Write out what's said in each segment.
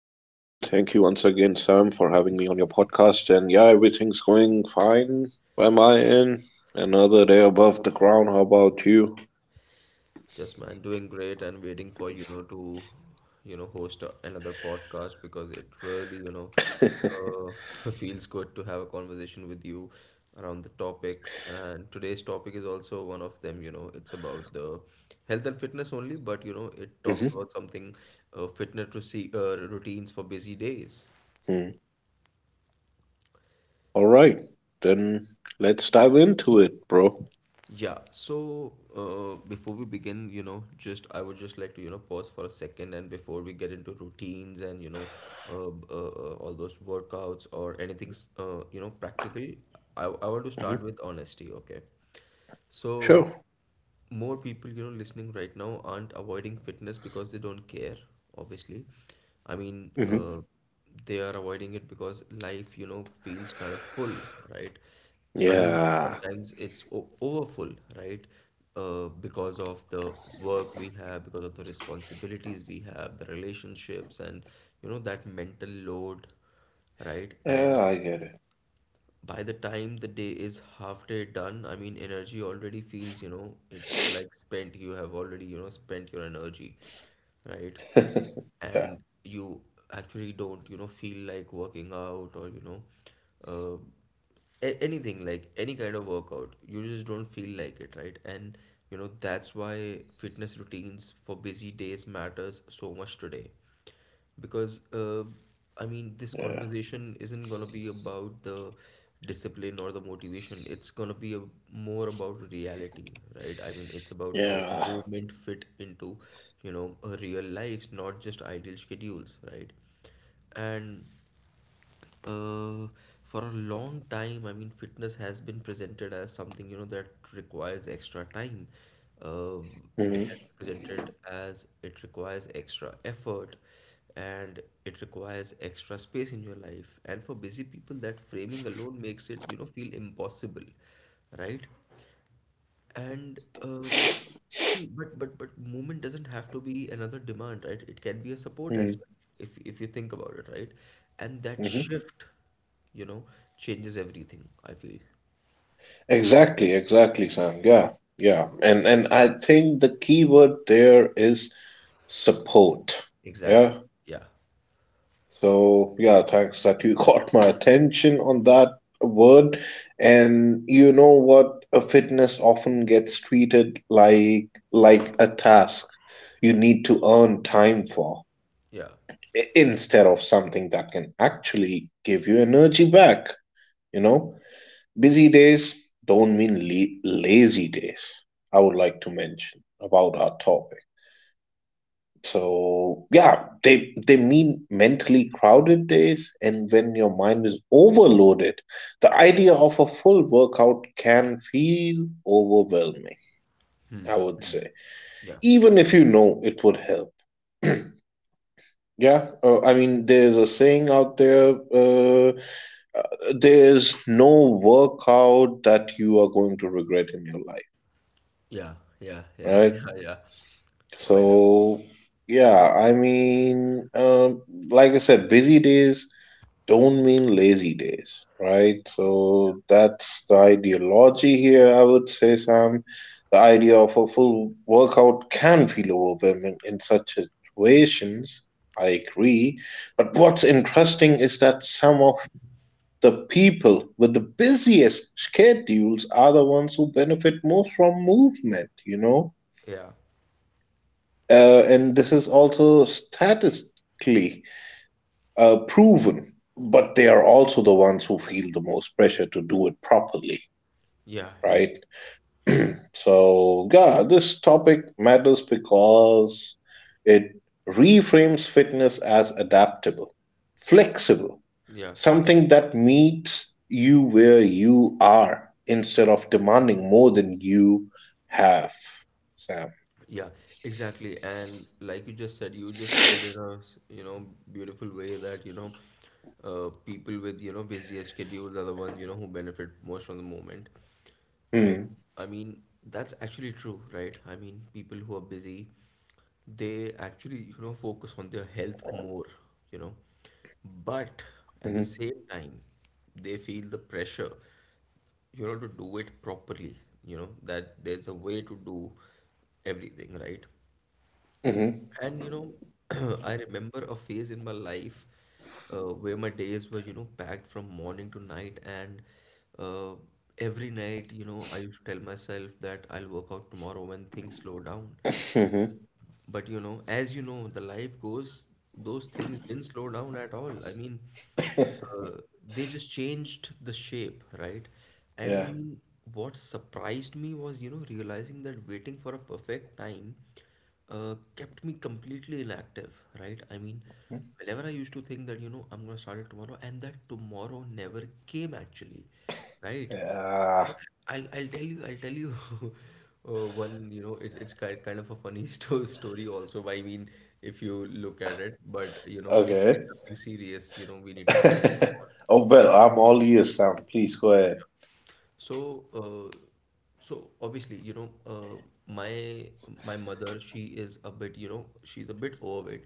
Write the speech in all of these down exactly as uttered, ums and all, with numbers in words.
Sam, for having me on your podcast. And yeah, everything's going fine by my end. Another day above the ground. How about you? Just man, doing great and waiting for you know to you know host a- another podcast because it really you know uh, feels good to have a conversation with you around the topics. And today's topic is also one of them. You know, it's about the health and fitness only, but you know it talks about something uh, fitness to see uh, routines for busy days. Mm-hmm. All right, then let's dive into it, bro. Yeah, so uh, before we begin, you know, just I would just like to, you know, pause for a second and before we get into routines and, you know, uh, b- uh, uh, all those workouts or anything, s- uh, you know, practical, I, I want to start hmm with honesty, okay? So Sure. more people you know listening right now aren't avoiding fitness because they don't care obviously. i mean hmm uh, they are avoiding it because life you know feels kind of full, right? I mean Yeah. sometimes it's o- overfull, right? uh, because of the work we have, because of the responsibilities we have, the relationships, and you know that mental load, right? Yeah, And I get by the time the day is half day done, I mean, energy already feels, you know, it's like spent. You have already, you know, spent your energy, right? it. yeah. And you actually don't, you know, feel like working out or, you know, uh, a- anything like any kind of workout. You just don't feel like it, right? And, you know, that's why fitness routines for busy days matters so much today because uh, I mean this Yeah. conversation isn't gonna be about the discipline or the motivation. It's gonna be a, more about reality, right? I mean it's about how Yeah. movement fit into you know a real lives, not just ideal schedules, right? And uh, for a long time I mean fitness has been presented as something you know that requires extra time. uh, hmm it has been presented as it requires extra effort, and it requires extra space in your life, and for busy people that framing alone makes it you know feel impossible, right? Yeah. and um, see, but but but movement doesn't have to be another demand, right? It can be a support hmm as well, if if you think about it, right? And that shift, you know, changes everything, I feel. Exactly, exactly, Sam. Yeah, yeah. And and I think the key word there is support. Exactly. Yeah. Yeah. So yeah, thanks that you caught my attention on that word. And you know what? A fitness often gets treated like like a task you need to earn time for Yeah. i- instead of something that can actually give you energy back, you know? Busy days don't mean le- lazy days. I would like to mention about our topic. So yeah, they they mean mentally crowded days, and when your mind is overloaded, the idea of a full workout can feel overwhelming. I would say, Yeah. even if you know it would help. Yeah, uh, I mean, there's a saying out there. Uh, uh, there's no workout that you are going to regret in your life, Yeah. Yeah. Yeah. right? Yeah. Yeah. Oh, I know. So yeah, I mean, um, like I said, busy days don't mean lazy days, right? Yeah. So that's the ideology here, I would say, Sam. The idea of a full workout can feel overwhelming in such situations. I agree. But what's interesting is that some of the people with the busiest schedules are the ones who benefit most from movement, you know? Yeah. Uh, and this is also statistically uh, proven. But they are also the ones who feel the most pressure to do it properly, Yeah. Yeah. right? So, yeah, this topic matters because it reframes fitness as adaptable, flexible, Yeah. something that meets you where you are instead of demanding more than you have, Sam. Yeah, exactly. And like you just said, you just put it in a, s- you know, beautiful way that, you know, uh, people with, you know, busier schedules are the ones, you know, who benefit most from the moment, right? Hmm. I mean, that's actually true, right? I mean, people who are busy, they actually, you know, focus on their health more, you know, but at the Mm-hmm. same time, they feel the pressure you know to do it properly, you know that there's a way to do everything right. Mm-hmm. And you know I remember a phase in my life uh, where my days were you know packed from morning to night, and uh, every night you know I used to tell myself that I'll work out tomorrow when things slow down. But you know as you know the life goes, those things didn't slow down at all. I mean hmm uh, they just changed the shape, right? I Yeah. mean, what surprised me was, you know, realizing that waiting for a perfect time uh, kept me completely inactive, right? I mean, whenever I used to think that, you know, I'm gonna start it tomorrow, and that tomorrow never came actually, right? Yeah. I'll, I'll tell you I'll tell you uh, one you know it's it's kind kind of a funny sto story also. I mean if you look at it, but you know it's, Okay. it's something serious, you know we need to focus. Oh, well, I'm all ears, Sam. Please go ahead. So, uh, so obviously, you know, uh, my my mother, she is a bit, you know, she's a bit overweight.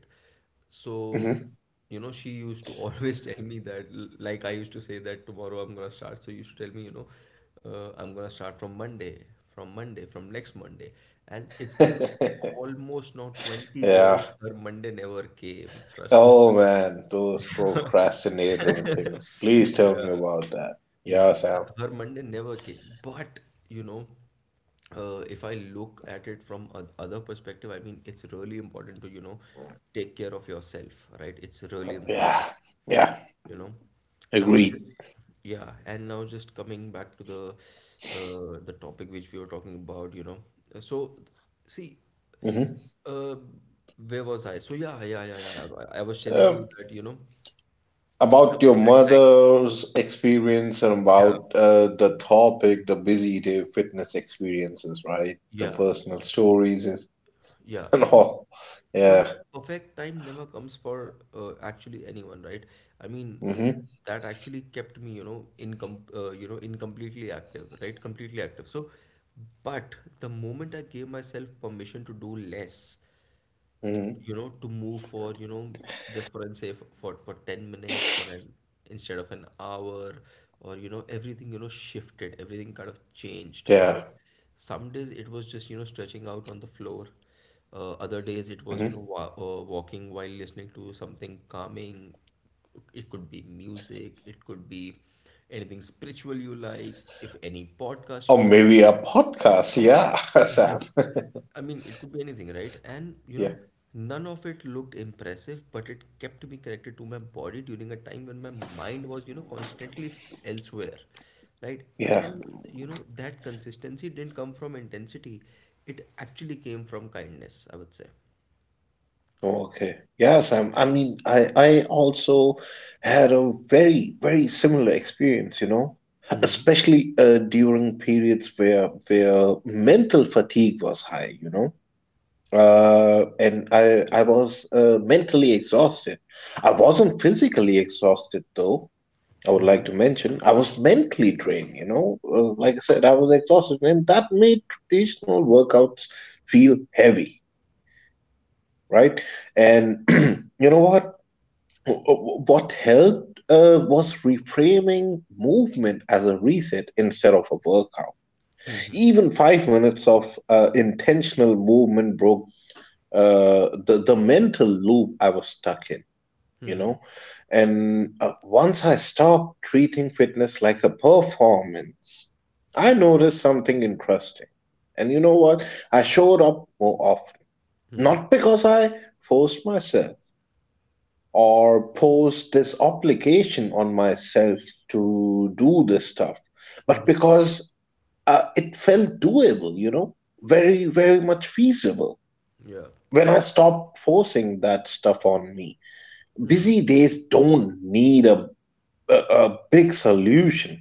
So, Mhm. you know, she used to always tell me that, l- like I used to say that tomorrow I'm gonna start. So you should tell me, you know, uh, I'm gonna start from Monday, from Monday, from next Monday. And it's been almost now twenty Yeah. years her Monday never came. Trust me. Oh, man, those procrastinating things. Please tell me Yeah. about that. Yeah, Yeah, Sam. her her Monday never came. But you know, uh, if I look at it from a other perspective, I mean, it's really important to you know take care of yourself, right? It's really Yeah. important, Yeah. you know. Now Agreed. just yeah, and now just coming back to the uh, the topic which we were talking about, you know. So see, hmm uh, where was I? So yeah, yeah, yeah, yeah. I, I was telling Uh, you that you know the about your perfect time. mother's experience and Yeah, about uh, the topic, the busy day fitness experiences, right? The yeah. personal stories and Yeah. and So, all. so Yeah. the perfect time never comes for uh, actually anyone, right? I mean, hmm that actually kept me, you know, incom uh, you know, incompletely active, right? Completely active. So, but the moment I gave myself permission to do less, hmm you know, to move for, you know, just for and say for, for for ten minutes for an instead of an hour or you know, everything, you know, shifted, everything kind of changed Yeah. because some days it was just, you know, stretching out on the floor. Uh, other days it was, you know, Mhm. wa uh, walking while listening to something calming. It could be music, it could be anything spiritual you like, if any podcast you Or like. maybe a podcast. Yeah, Sam. I mean, it could be anything, right? And you Yeah. know, none of it looked impressive, but it kept me connected to my body during a time when my mind was, you know, constantly s- elsewhere, right? Yeah. And you know, that consistency didn't come from intensity, it actually came from kindness, I would say. Oh, okay. Yeah, Sam. I mean, I, I also had a very, very similar experience, you know, especially uh, during periods where where mental fatigue was high, you know. Uh, and I I was uh, mentally exhausted. I wasn't physically exhausted though. I would Mm-hmm. like to mention, I was mentally drained, you know. Uh, like I said, I was exhausted, and that made traditional workouts feel heavy, right? And you know what? What helped uh, was reframing movement as a reset instead of a workout. Even five minutes of uh, intentional movement broke uh, the, the mental loop I was stuck in. You know, and uh, once I stopped treating fitness like a performance, I noticed something interesting, and you know what? I showed up more often, not because I forced myself or posed this obligation on myself to do this stuff, but Mm-hmm. because uh, it felt doable, you know, very, very much feasible Yeah. when I stopped forcing that stuff on me. Busy days don't need a a, a big solution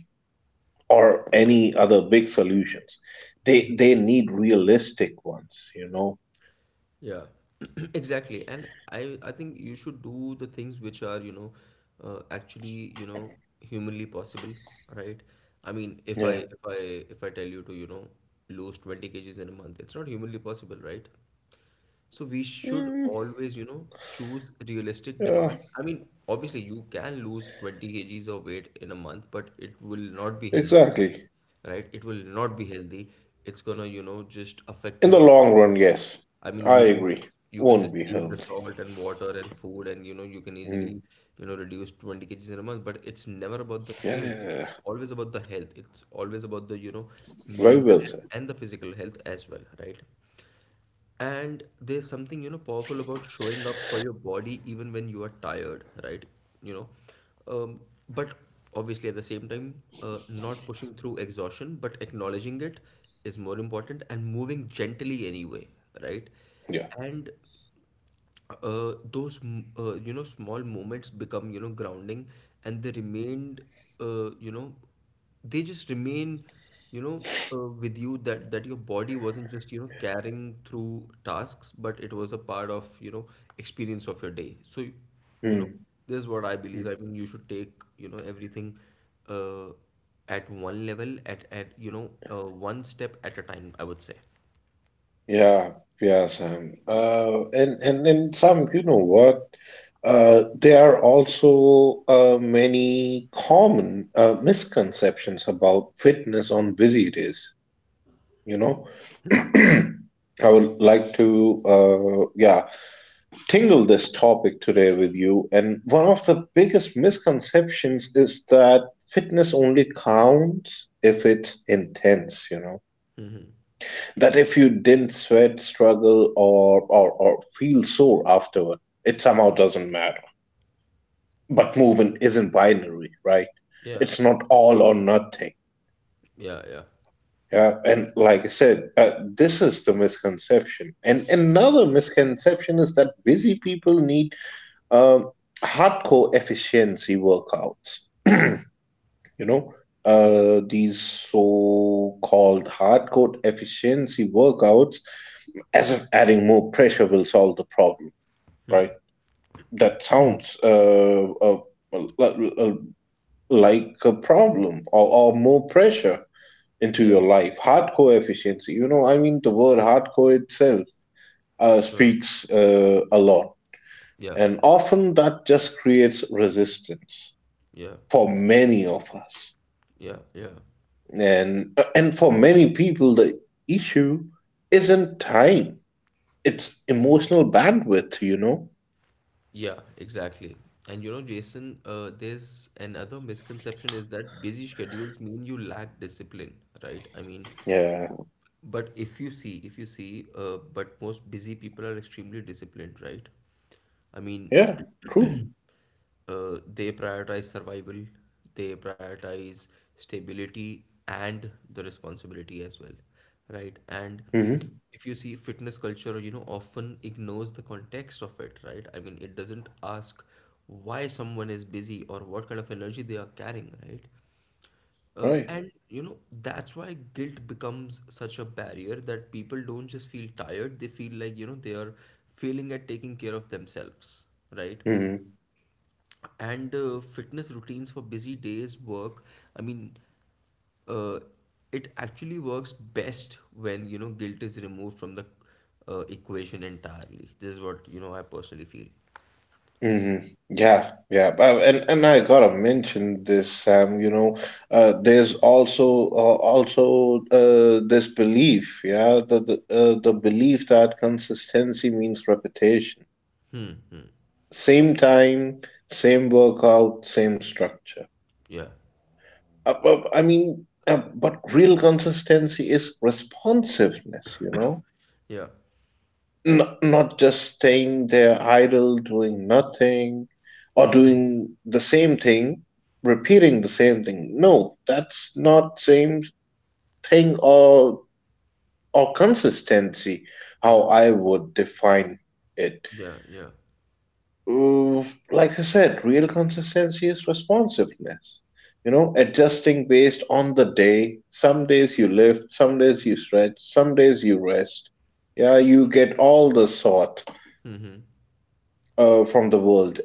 or any other big solutions. They they need realistic ones, you know. Yeah, exactly. And I I think you should do the things which are, you know, uh, actually, you know, humanly possible, right? I mean, if I Yeah. if I if I tell you to, you know, lose twenty kgs in a month, it's not humanly possible, right? So we should Mm, always, you know, choose realistic yeah, demands. I mean, obviously you can lose twenty kgs of weight in a month, but it will not be healthy, exactly. right? It will not be healthy. It's gonna, you know, just affect In you the long run, afterwards. yes. I mean, I you can agree. just you can Won't just be leave the healthy. salt and water and food, and you know you can easily Mm. you know reduce twenty kgs in a month. But it's never about the Yeah, scale. yeah, yeah, It's yeah. always about the health. It's always about the you know Very well mental health said. and the physical health as well, right? And there's something, you know, powerful about showing up for your body even when you are tired, right? You know, um, but obviously at the same time, uh, not pushing through exhaustion, but acknowledging it is more important and moving gently anyway, right? Yeah. And uh, those m- uh, you know small moments become you know grounding, and they remained uh, you know they just remain you know uh, with you that that your body wasn't just you know carrying through tasks but it was a part of you know experience of your day. So you know Mm. this is what I believe. I mean you should take you know everything uh, at one level at at you know uh, one step at a time, I would say. Yeah, yeah, Sam. Uh, and and and Sam, you know what? Uh, there are also uh, many common uh, misconceptions about fitness on busy days. You know, I would like to uh, yeah, tingle this topic today with you. And one of the biggest misconceptions is that fitness only counts if it's intense. You know, Hmm. that if you didn't sweat, struggle, or, or, or feel sore afterward, it somehow doesn't matter. But movement isn't binary, right? Yeah. It's not all or nothing. Yeah. Yeah. Yeah, and like I said, uh, this is the misconception. And another misconception is that busy people need um, hardcore efficiency workouts. You know, Yeah. uh, these so-called hardcore efficiency workouts, as if adding more pressure will solve the problem, right? That sounds uh, uh, li- uh, like a problem, or, or more pressure into Yeah. your life. Hardcore efficiency, you know, I mean, the word hardcore itself uh, Sure. speaks uh, a lot. Yeah, And often that just creates resistance yeah, for many of us. yeah, yeah, And and for many people, the issue isn't time; it's emotional bandwidth. You know. yeah, exactly. And you know, Jason, uh, there's another misconception is that busy schedules mean you lack discipline, right? I mean, Yeah. but if you see if you see uh, but most busy people are extremely disciplined, right? I mean Yeah. True. uh, they prioritize survival, they prioritize stability and the responsibility as well, right? And Mm-hmm. if you see fitness culture you know often ignores the context of it, right? I mean it doesn't ask why someone is busy or what kind of energy they are carrying, right? uh, Right. and you know, that's why guilt becomes such a barrier that people don't just feel tired, they feel like, you know, they are failing at taking care of themselves, right? Mm-hmm. And uh, fitness routines for busy days work. I mean, uh, it actually works best when, you know, guilt is removed from the uh, equation entirely. This is what, you know, I personally feel. Mm-hmm. Yeah. Yeah. But- And and I gotta mention this, Sam. You know, uh, there's also uh, also uh, this belief. Yeah. The the uh, the belief that consistency means repetition. Hmm, hmm. Same time, same workout, same structure. Yeah. Uh, uh, I mean, uh, but real consistency is responsiveness, you know, Yeah. N- not just staying there idle, doing nothing, or doing the same thing, repeating the same thing. No, that's not same thing or or consistency. How Yeah. I would define it. Yeah. Yeah. Mm, like I said, real consistency is responsiveness. You know, adjusting based on the day. Some days you lift, some days you stretch, some days you rest. Yeah, you get all the sort Hmm, hmm. uh, from the world.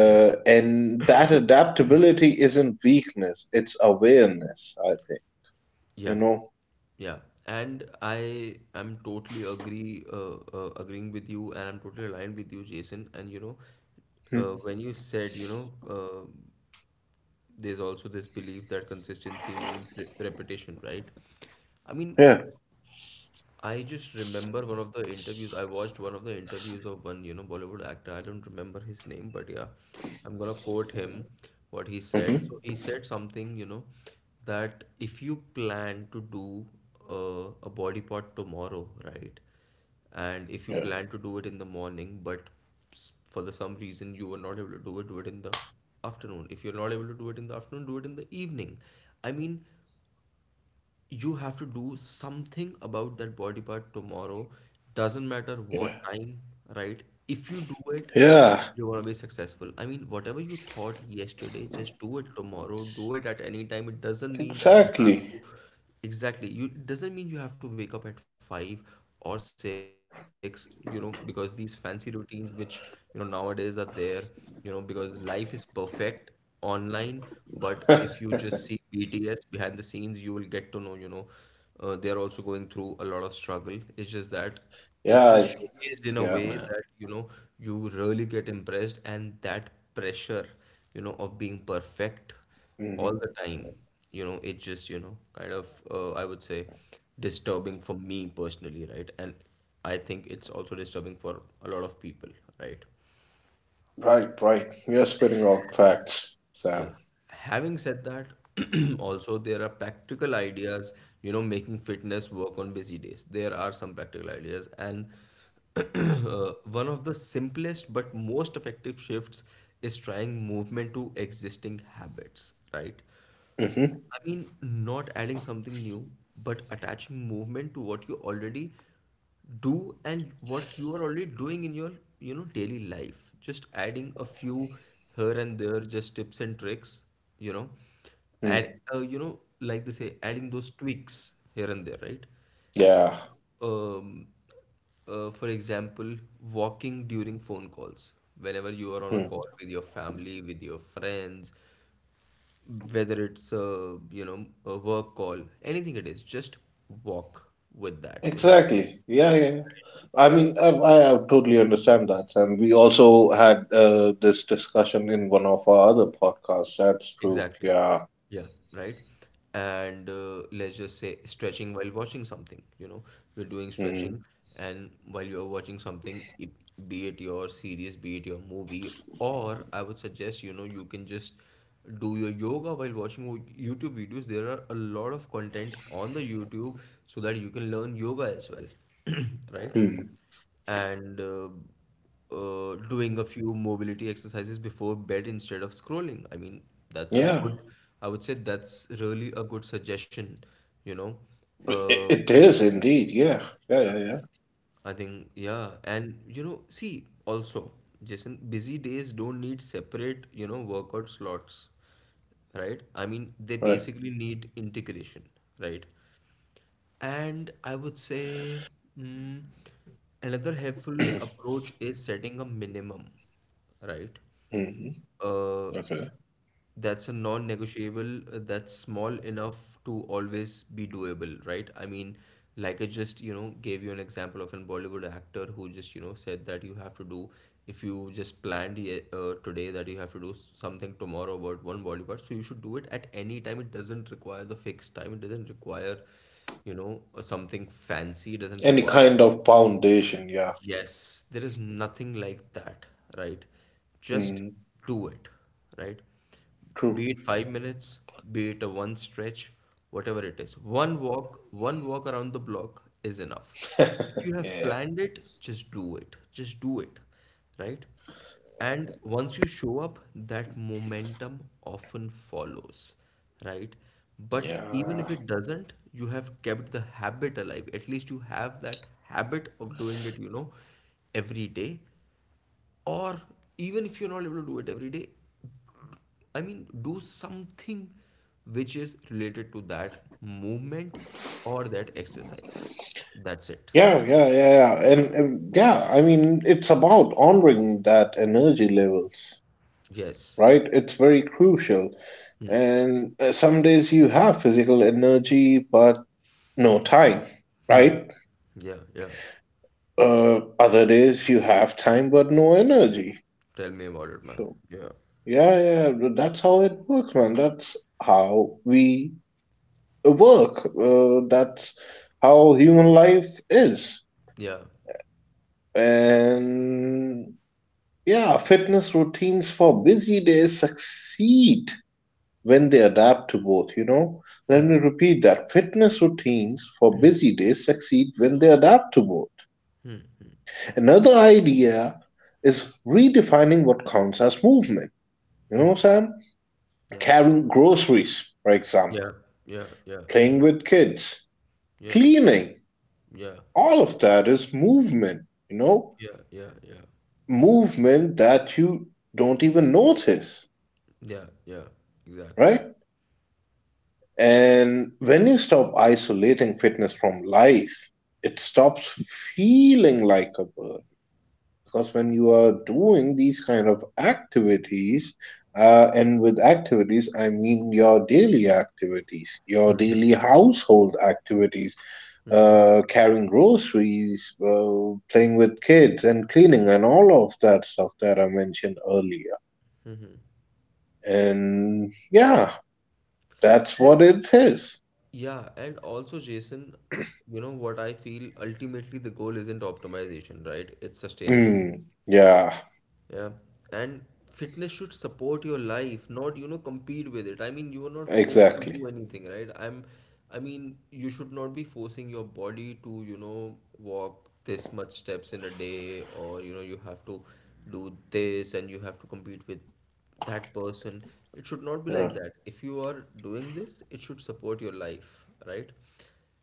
Yeah. and that adaptability isn't weakness, it's awareness, I think. You Yeah, know? yeah, and I am totally agree, uh, uh, agreeing with you, and I'm totally aligned with you, Jason. And you know, Hmm. uh, when you said, you know, uh, there's also this belief that consistency means re repetition, right? I mean, Yeah. I just remember one of the interviews. I watched one of the interviews of one, you know, Bollywood actor. I don't remember his name, but yeah, I'm gonna quote him what he said. hmm So he said something, you know, that if you plan to do uh, a body part tomorrow, right? And if you Yeah. plan to do it in the morning, but s- for the some reason you were not able to do it, do it in the afternoon. If you're not able to do it in the afternoon, do it in the evening. I mean, you have to do something about that body part tomorrow. Doesn't matter Yeah. what time, right? If you do it, Yeah. you're gonna be successful. I mean, whatever you thought yesterday, just do it tomorrow. Do it at any time. It doesn't mean that you have Exactly. to exactly. You it doesn't mean you have to wake up at five or six. You know, because these fancy routines, which you know nowadays are there. You know, because life is perfect online, but if you just see B T S behind the scenes, you will get to know, you know, uh, they are also going through a lot of struggle. It's just that it's just yeah. showcased in a Yeah, way man. that, you know, you really get impressed and that pressure, you know, of being perfect Mhm. all the time, you know, it just, you know, kind of, uh, I would say, disturbing for me personally, right? And I think it's also disturbing for a lot of people, right? Right, right. You're spitting out facts, Sam. Yeah. Having said that, also there are practical ideas, you know, making fitness work on busy days. There are some practical ideas. And uh, one of the simplest but most effective shifts is trying movement to existing habits, right? Mm-hmm. I mean, not adding something new, but attaching movement to what you already do and what you are already doing in your, you know, daily life. Just adding a few here and there, just tips and tricks, you know, and hmm uh, you know, like they say, adding those tweaks here and there, right? Yeah. Um, uh, for example, walking during phone calls. Whenever you are on a Hmm. call with your family, with your friends, whether it's a you know a work call anything it is just walk with that you know Exactly. Yeah, yeah, yeah. I mean, I, I totally understand that, Sam. We also had uh, this discussion in one of our other podcasts. That's true. exactly, Yeah. yeah, right. And uh, let's just say stretching while watching something, you know, you're doing hmm stretching and while you're watching something it, be it your series, be it your movie. Or I would suggest, you know, you can just do your yoga while watching wo- YouTube videos. There are a lot of content on the YouTube so that you can learn yoga as well. Right. hmm And uh, uh, doing a few mobility exercises before bed instead of scrolling. I mean, that's a Yeah. good, I would say that's really a good suggestion, you know. It, Uh, it is indeed. Yeah. Yeah, yeah, yeah, yeah. I think, yeah. And, you know, see, also, Jason, busy days don't need separate, you know, workout slots, right? I mean, they Right. basically need integration, right? And I would say mm, another helpful approach is setting a minimum, right? hmm Uh, Okay. that's a non-negotiable, uh, that's small enough to always be doable, right? I mean, like I just, you know, gave you an example of an Bollywood actor who just, you know, said that you have to do, if you just planned ye- uh, today that you have to do s- something tomorrow about one body part, so you should do it at any time. It doesn't require the fixed time, it doesn't require, you know, or something fancy doesn't Any require. kind of foundation. Yeah. Yes, there is nothing like that, right? Just hmm do it, right? True. Be it five minutes, be it a one stretch, whatever it is. One walk, one walk around the block is enough. If you have Yeah. planned it, just do it. Just do it, right? And once you show up, that momentum often follows, right? But even if Yeah. it doesn't, you have kept the habit alive. At least you have that habit of doing it, you know, every day. Or even if you're not able to do it every day, I mean, do something which is related to that movement or that exercise. That's it. Yeah, yeah, yeah, yeah. And um, yeah, I mean, it's about honoring that energy levels, Yes. right? It's very crucial. Hmm. And uh, some days you have physical energy, but no time, Hmm. right? Yeah, yeah. Uh, other days you have time, but no energy. Tell me about it, man. So, Yeah. yeah, yeah, th- that's how it works, man. That's how we work. Uh, that's how human life is. Yeah. And yeah, fitness routines for busy days succeed when they adapt to both, you know. Let me Mm, repeat that. Fitness routines for busy days succeed when they adapt to both. Another idea is redefining what counts as movement. You mm, know, Sam? yeah, Carrying groceries, for yeah, example, yeah, yeah, yeah, playing with kids, yeah, cleaning, yeah, all of that is movement, you know? yeah, yeah, yeah, Movement that you don't even notice, yeah, yeah, exactly. right? And when you stop isolating fitness from life, it stops feeling like a burden. Because when you are doing these kind of activities, uh, and with activities, I mean your daily activities, your Mm-hmm, daily household activities, mm-hmm. uh, carrying groceries, uh, playing with kids, and cleaning, and all of that stuff that I mentioned earlier. And yeah, that's what And it is. yeah, and also, Jason, you know what I feel, ultimately the goal isn't optimization, right? It's sustainability. Mm, yeah. Yeah. And fitness should support your life, not, you know, compete with it. I mean, you are not forced to Exactly. do anything, right? I'm, I mean, you should not be forcing your body to, you know, walk this much steps in a day, or, you know, you have to do this and you have to compete with that person. It should not be Yeah. like that. If you are doing this, it should support your life, right?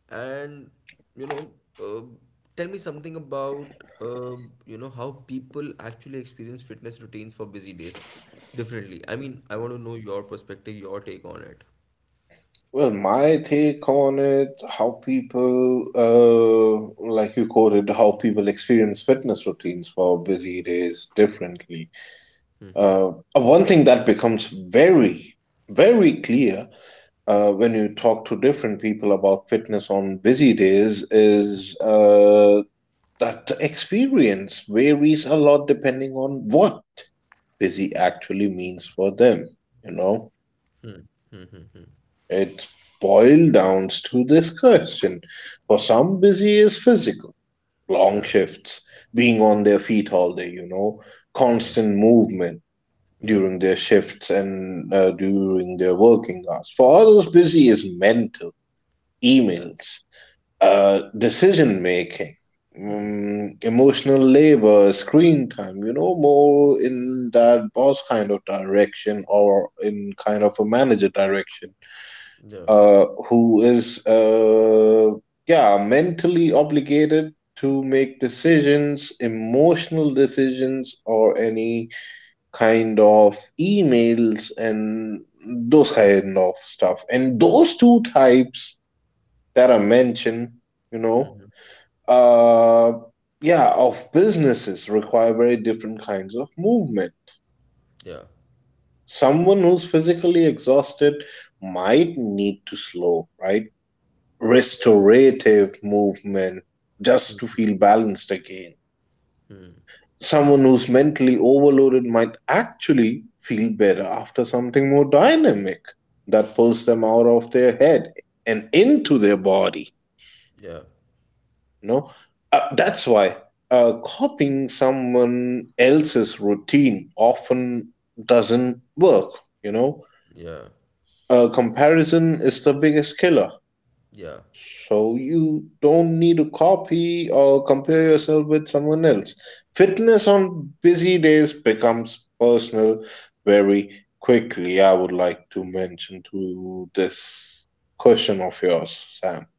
And you know, uh, tell me something about uh, you know how people actually experience fitness routines for busy days differently. I mean, I want to know your perspective, your take on it. Well, my take on it, how people, uh, like you quoted, how people experience fitness routines for busy days differently. Uh, one thing that becomes very, very clear uh, when you talk to different people about fitness on busy days Mhm. is uh, that the experience varies a lot depending on what busy actually means for them, you know? It boiled down to this question. For some, busy is physical. Long Yeah, shifts, being on their feet all day, you know, yeah, constant movement yeah, during their shifts and uh, during their working hours. For others, busy is mental, yeah, emails, uh, decision making, um, emotional labor, screen time, you know, more in that boss kind of direction or in kind of a manager direction yeah, uh, who is uh, yeah, mentally obligated to make decisions, emotional decisions, or any kind of emails and those kind of stuff. And those two types that are mentioned, you know, uh, yeah, of businesses require very different kinds of movement. yeah, Someone who's physically exhausted might need to slow, right, yeah, restorative movement, just to feel balanced again. hmm, Someone who's mentally overloaded might actually feel better after something more dynamic that pulls them out of their head and into their body. yeah, You know, uh, that's why uh, copying someone else's routine often doesn't work. You know, yeah, uh, comparison is the biggest killer. yeah. So you don't need to copy or compare yourself with someone else. Fitness on busy days becomes personal very quickly. I would like to mention to this question of yours, Sam.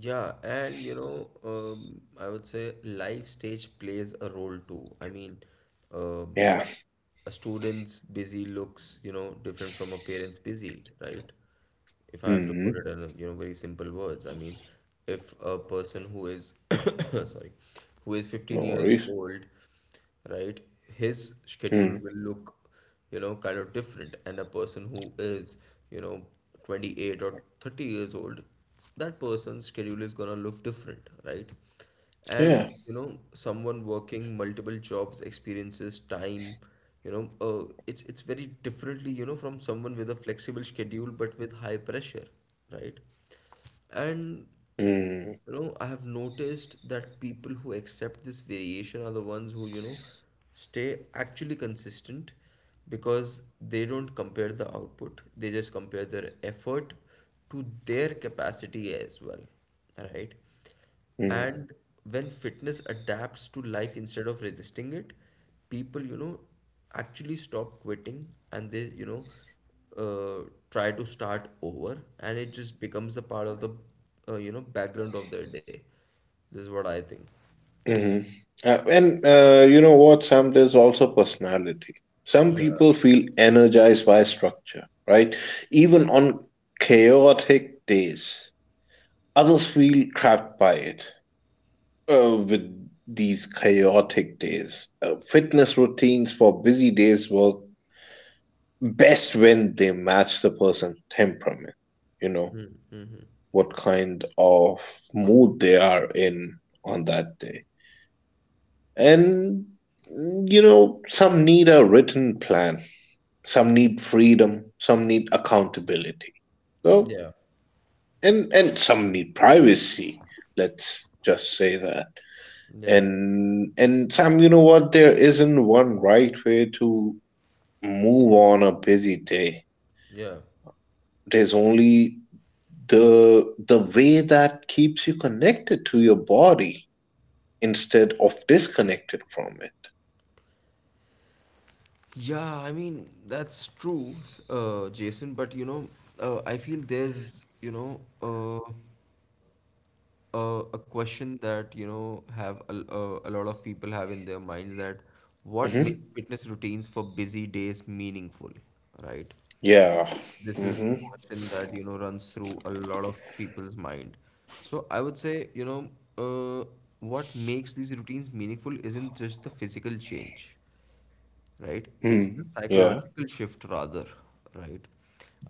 Yeah, and you know, um, I would say life stage plays a role too. I mean, um, Yeah. a student's busy looks, you know, different from a parent's busy, right? If I have to put it hmm in, a, you know, very simple words, I mean, if a person who is, sorry, who is fifteen No years worries. old, right? His schedule Mm. will look, you know, kind of different. And a person who is, you know, twenty-eight or thirty years old, that person's schedule is gonna look different, right? Yeah. And, you know, someone working multiple jobs experiences time, you know, uh, it's it's very differently, you know, from someone with a flexible schedule but with high pressure, right? And Mm. you know, I have noticed that people who accept this variation are the ones who, you know, stay actually consistent because they don't compare the output, they just compare their effort to their capacity as well, right? Mm. And when fitness adapts to life instead of resisting it, people, you know, actually stop quitting, and they, you know uh, try to start over and it just becomes a part of the, uh, you know, background of their day. This is what I think. hmm Uh, and uh, you know what, Sam, there's also personality. Some Yeah, people feel energized by structure, right? Even on chaotic days, others feel trapped by it. Uh, with these chaotic days, uh, fitness routines for busy days work best when they match the person's temperament. You know, what kind of mood they are in on that day. And, mm, you know, some need a written plan, some need freedom, some need accountability. So, yeah, and, and some need privacy. Let's just say that. yeah, And, and Sam, you know what? There isn't one right way to move on a busy day. yeah. There's only the, the way that keeps you connected to your body instead of disconnected from Yeah, I mean, that's true, s- uh, Jason, but you know, uh, I feel there's, you know, a, a question that you know have a, a, a lot of people have in their minds that it. what makes hmm fitness routines for busy days meaningful, right? Yeah. This is hmm a question that you know runs through a lot of people's mind. So I would say, you know, uh, what makes these routines meaningful isn't just the physical change, right? It's the Mm. Yeah. psychological shift rather, right?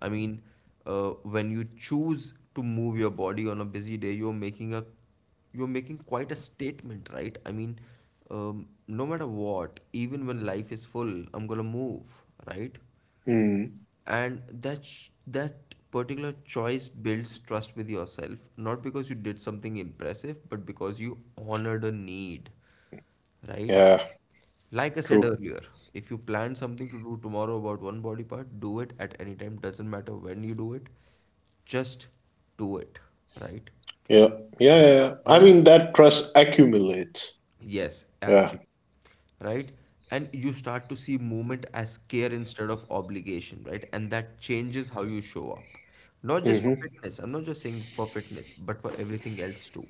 I mean, uh, when you choose to move your body on a busy day, you're making a you're making quite a statement, right? I mean, um, no matter what, even when life is full, I'm gonna move, right? Mm. And that sh- that particular choice builds trust with yourself, not because you did something impressive, but because you honored a need, right? Yeah. Like I said True. earlier, if you plan something to do tomorrow about one body part, do it at any time. Doesn't matter when you do it, just do it, right? Yeah. Yeah. Yeah. Do a yeah. small I mean, exercise. that trust accumulates. Yes, Yeah. actually. Right? And you start to see movement as care instead of obligation, right? And that changes how you show up. Not just for Mm-hmm. fitness. I'm not just saying for fitness, but for everything else too,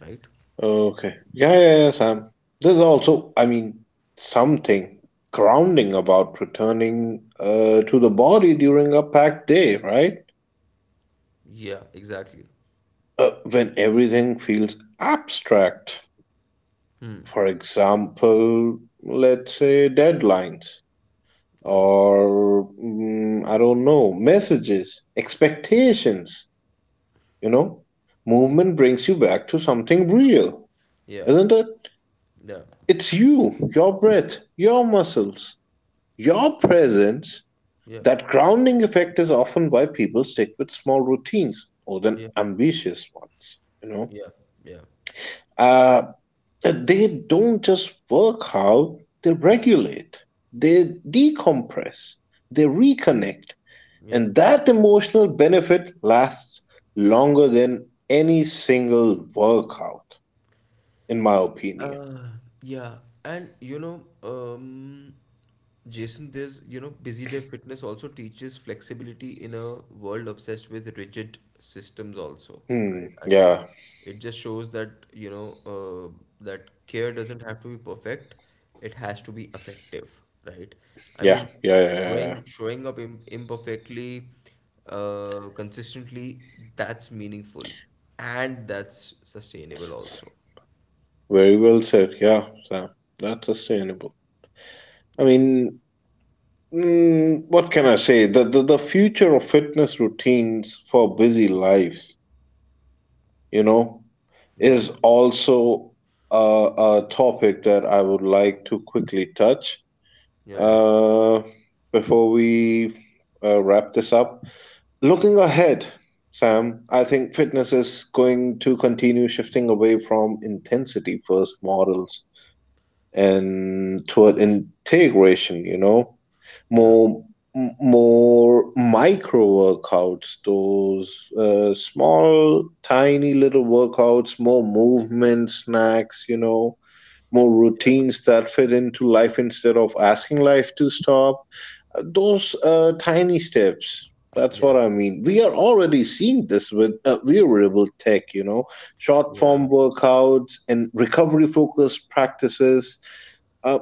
right? Okay. Yeah, yeah. Yeah. Sam. There's also, I mean, something grounding about returning uh, to the body during a packed day, right? Yeah, exactly. Uh, when everything feels abstract. Hmm. For example, let's say deadlines Yeah. or mm, I don't know, messages, expectations. You know, movement brings you back to something real, Yeah. isn't it? Yeah. It's you, your breath, your muscles, your presence. Yeah. That grounding effect is often why people stick with small routines more than Yeah. ambitious ones. You know, Yeah. Yeah. uh, they don't just work out, they regulate, they decompress, they reconnect, Yeah. and that emotional benefit lasts longer than any single workout. In my opinion. Uh, yeah, and you know, um, Jason, there's you know, busy day fitness also teaches flexibility in a world obsessed with rigid systems, also, Hmm. right? I mean, Yeah. it just shows that you know, uh, that care doesn't have to be perfect, it has to be effective, right? I Yeah. mean, Yeah. Yeah. yeah, yeah. showing showing up im imperfectly, uh, consistently, that's meaningful and that's sustainable, also, Very well said. Yeah. So that's sustainable. I yeah, mean, mm, what can I say? The, the the future of fitness routines for busy lives, you know, yeah. is also a, a topic that I would like to quickly touch Yeah, yeah, uh, before we uh, wrap this up. Looking ahead, Sam, I think fitness is going to continue shifting away from intensity first models and toward integration, you know, yeah, more m- more micro workouts, those uh, small, tiny little workouts, more movement snacks, you know, more yeah, routines that fit into life instead of asking life to stop. Uh, Those uh, tiny steps. That's yeah, what I mean. We are already seeing this with uh, wearable tech, you know, short form yeah. workouts and recovery focused practices. Uh,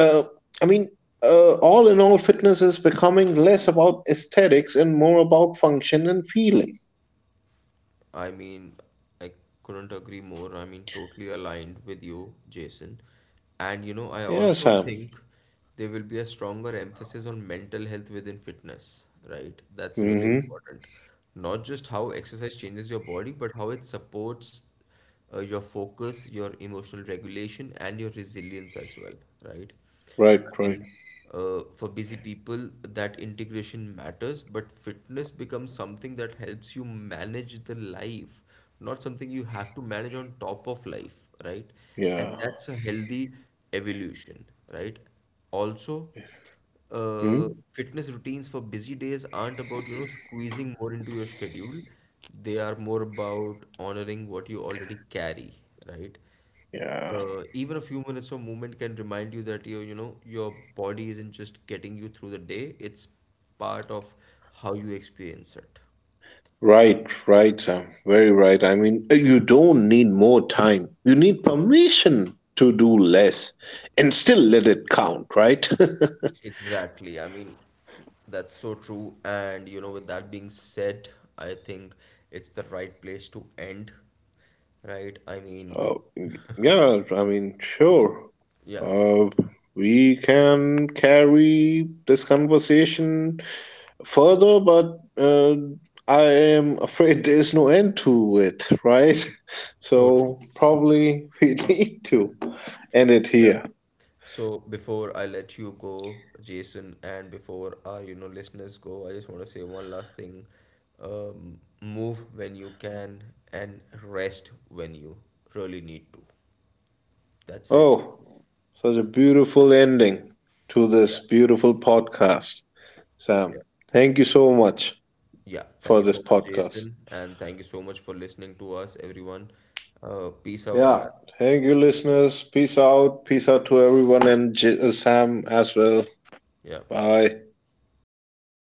uh, I mean, uh, all in all, fitness is becoming less about aesthetics and more about function and feeling. I mean, I couldn't agree more. I mean, totally aligned with you, Jason. And you know, I Yeah, also Sam. think there will be a stronger emphasis on mental health within fitness, right? That's really Mm-hmm. important. Not just how exercise changes your body, but how it supports uh, your focus, your emotional regulation, and your resilience as well, right? Right, I right. mean, uh, for busy people, that integration matters, but fitness becomes something that helps you manage the life, not something you have to manage on top of life, right? And Yeah. that's a healthy evolution, right? Also, hmm uh, fitness routines for busy days aren't about, you know, squeezing more into your schedule. They are more about honoring what you already carry, right? Yeah. Uh, even a few minutes of movement can remind you that your you know your body isn't just getting you through the day, it's part of how you experience it. Right, right, Sam. Very right. I mean, uh, you don't need more time. You need permission to do less and still let it count, right? Exactly. I mean, that's so true. And you know, with that being said, I think it's the right place to end, right? I mean, uh, yeah, I mean, sure. yeah, Uh, we can carry this conversation further, but uh, I am afraid there's no end to it, right? so true. So probably we need to end it Yeah. here. So before I let you go, Jason, and before our, you know, listeners go, I just want to say one last thing. Um, move when you can and rest when you really need to. That's it. Oh, such a beautiful ending to Yeah. this beautiful podcast, Sam. Yeah. Thank you so much Yeah. Thank for you this so much, podcast. Jason, and thank you so much for listening to us, everyone. Uh, peace out, man. Yeah, thank you, listeners. Peace out. Peace out to everyone and J- uh, Sam as well. Yeah. Bye.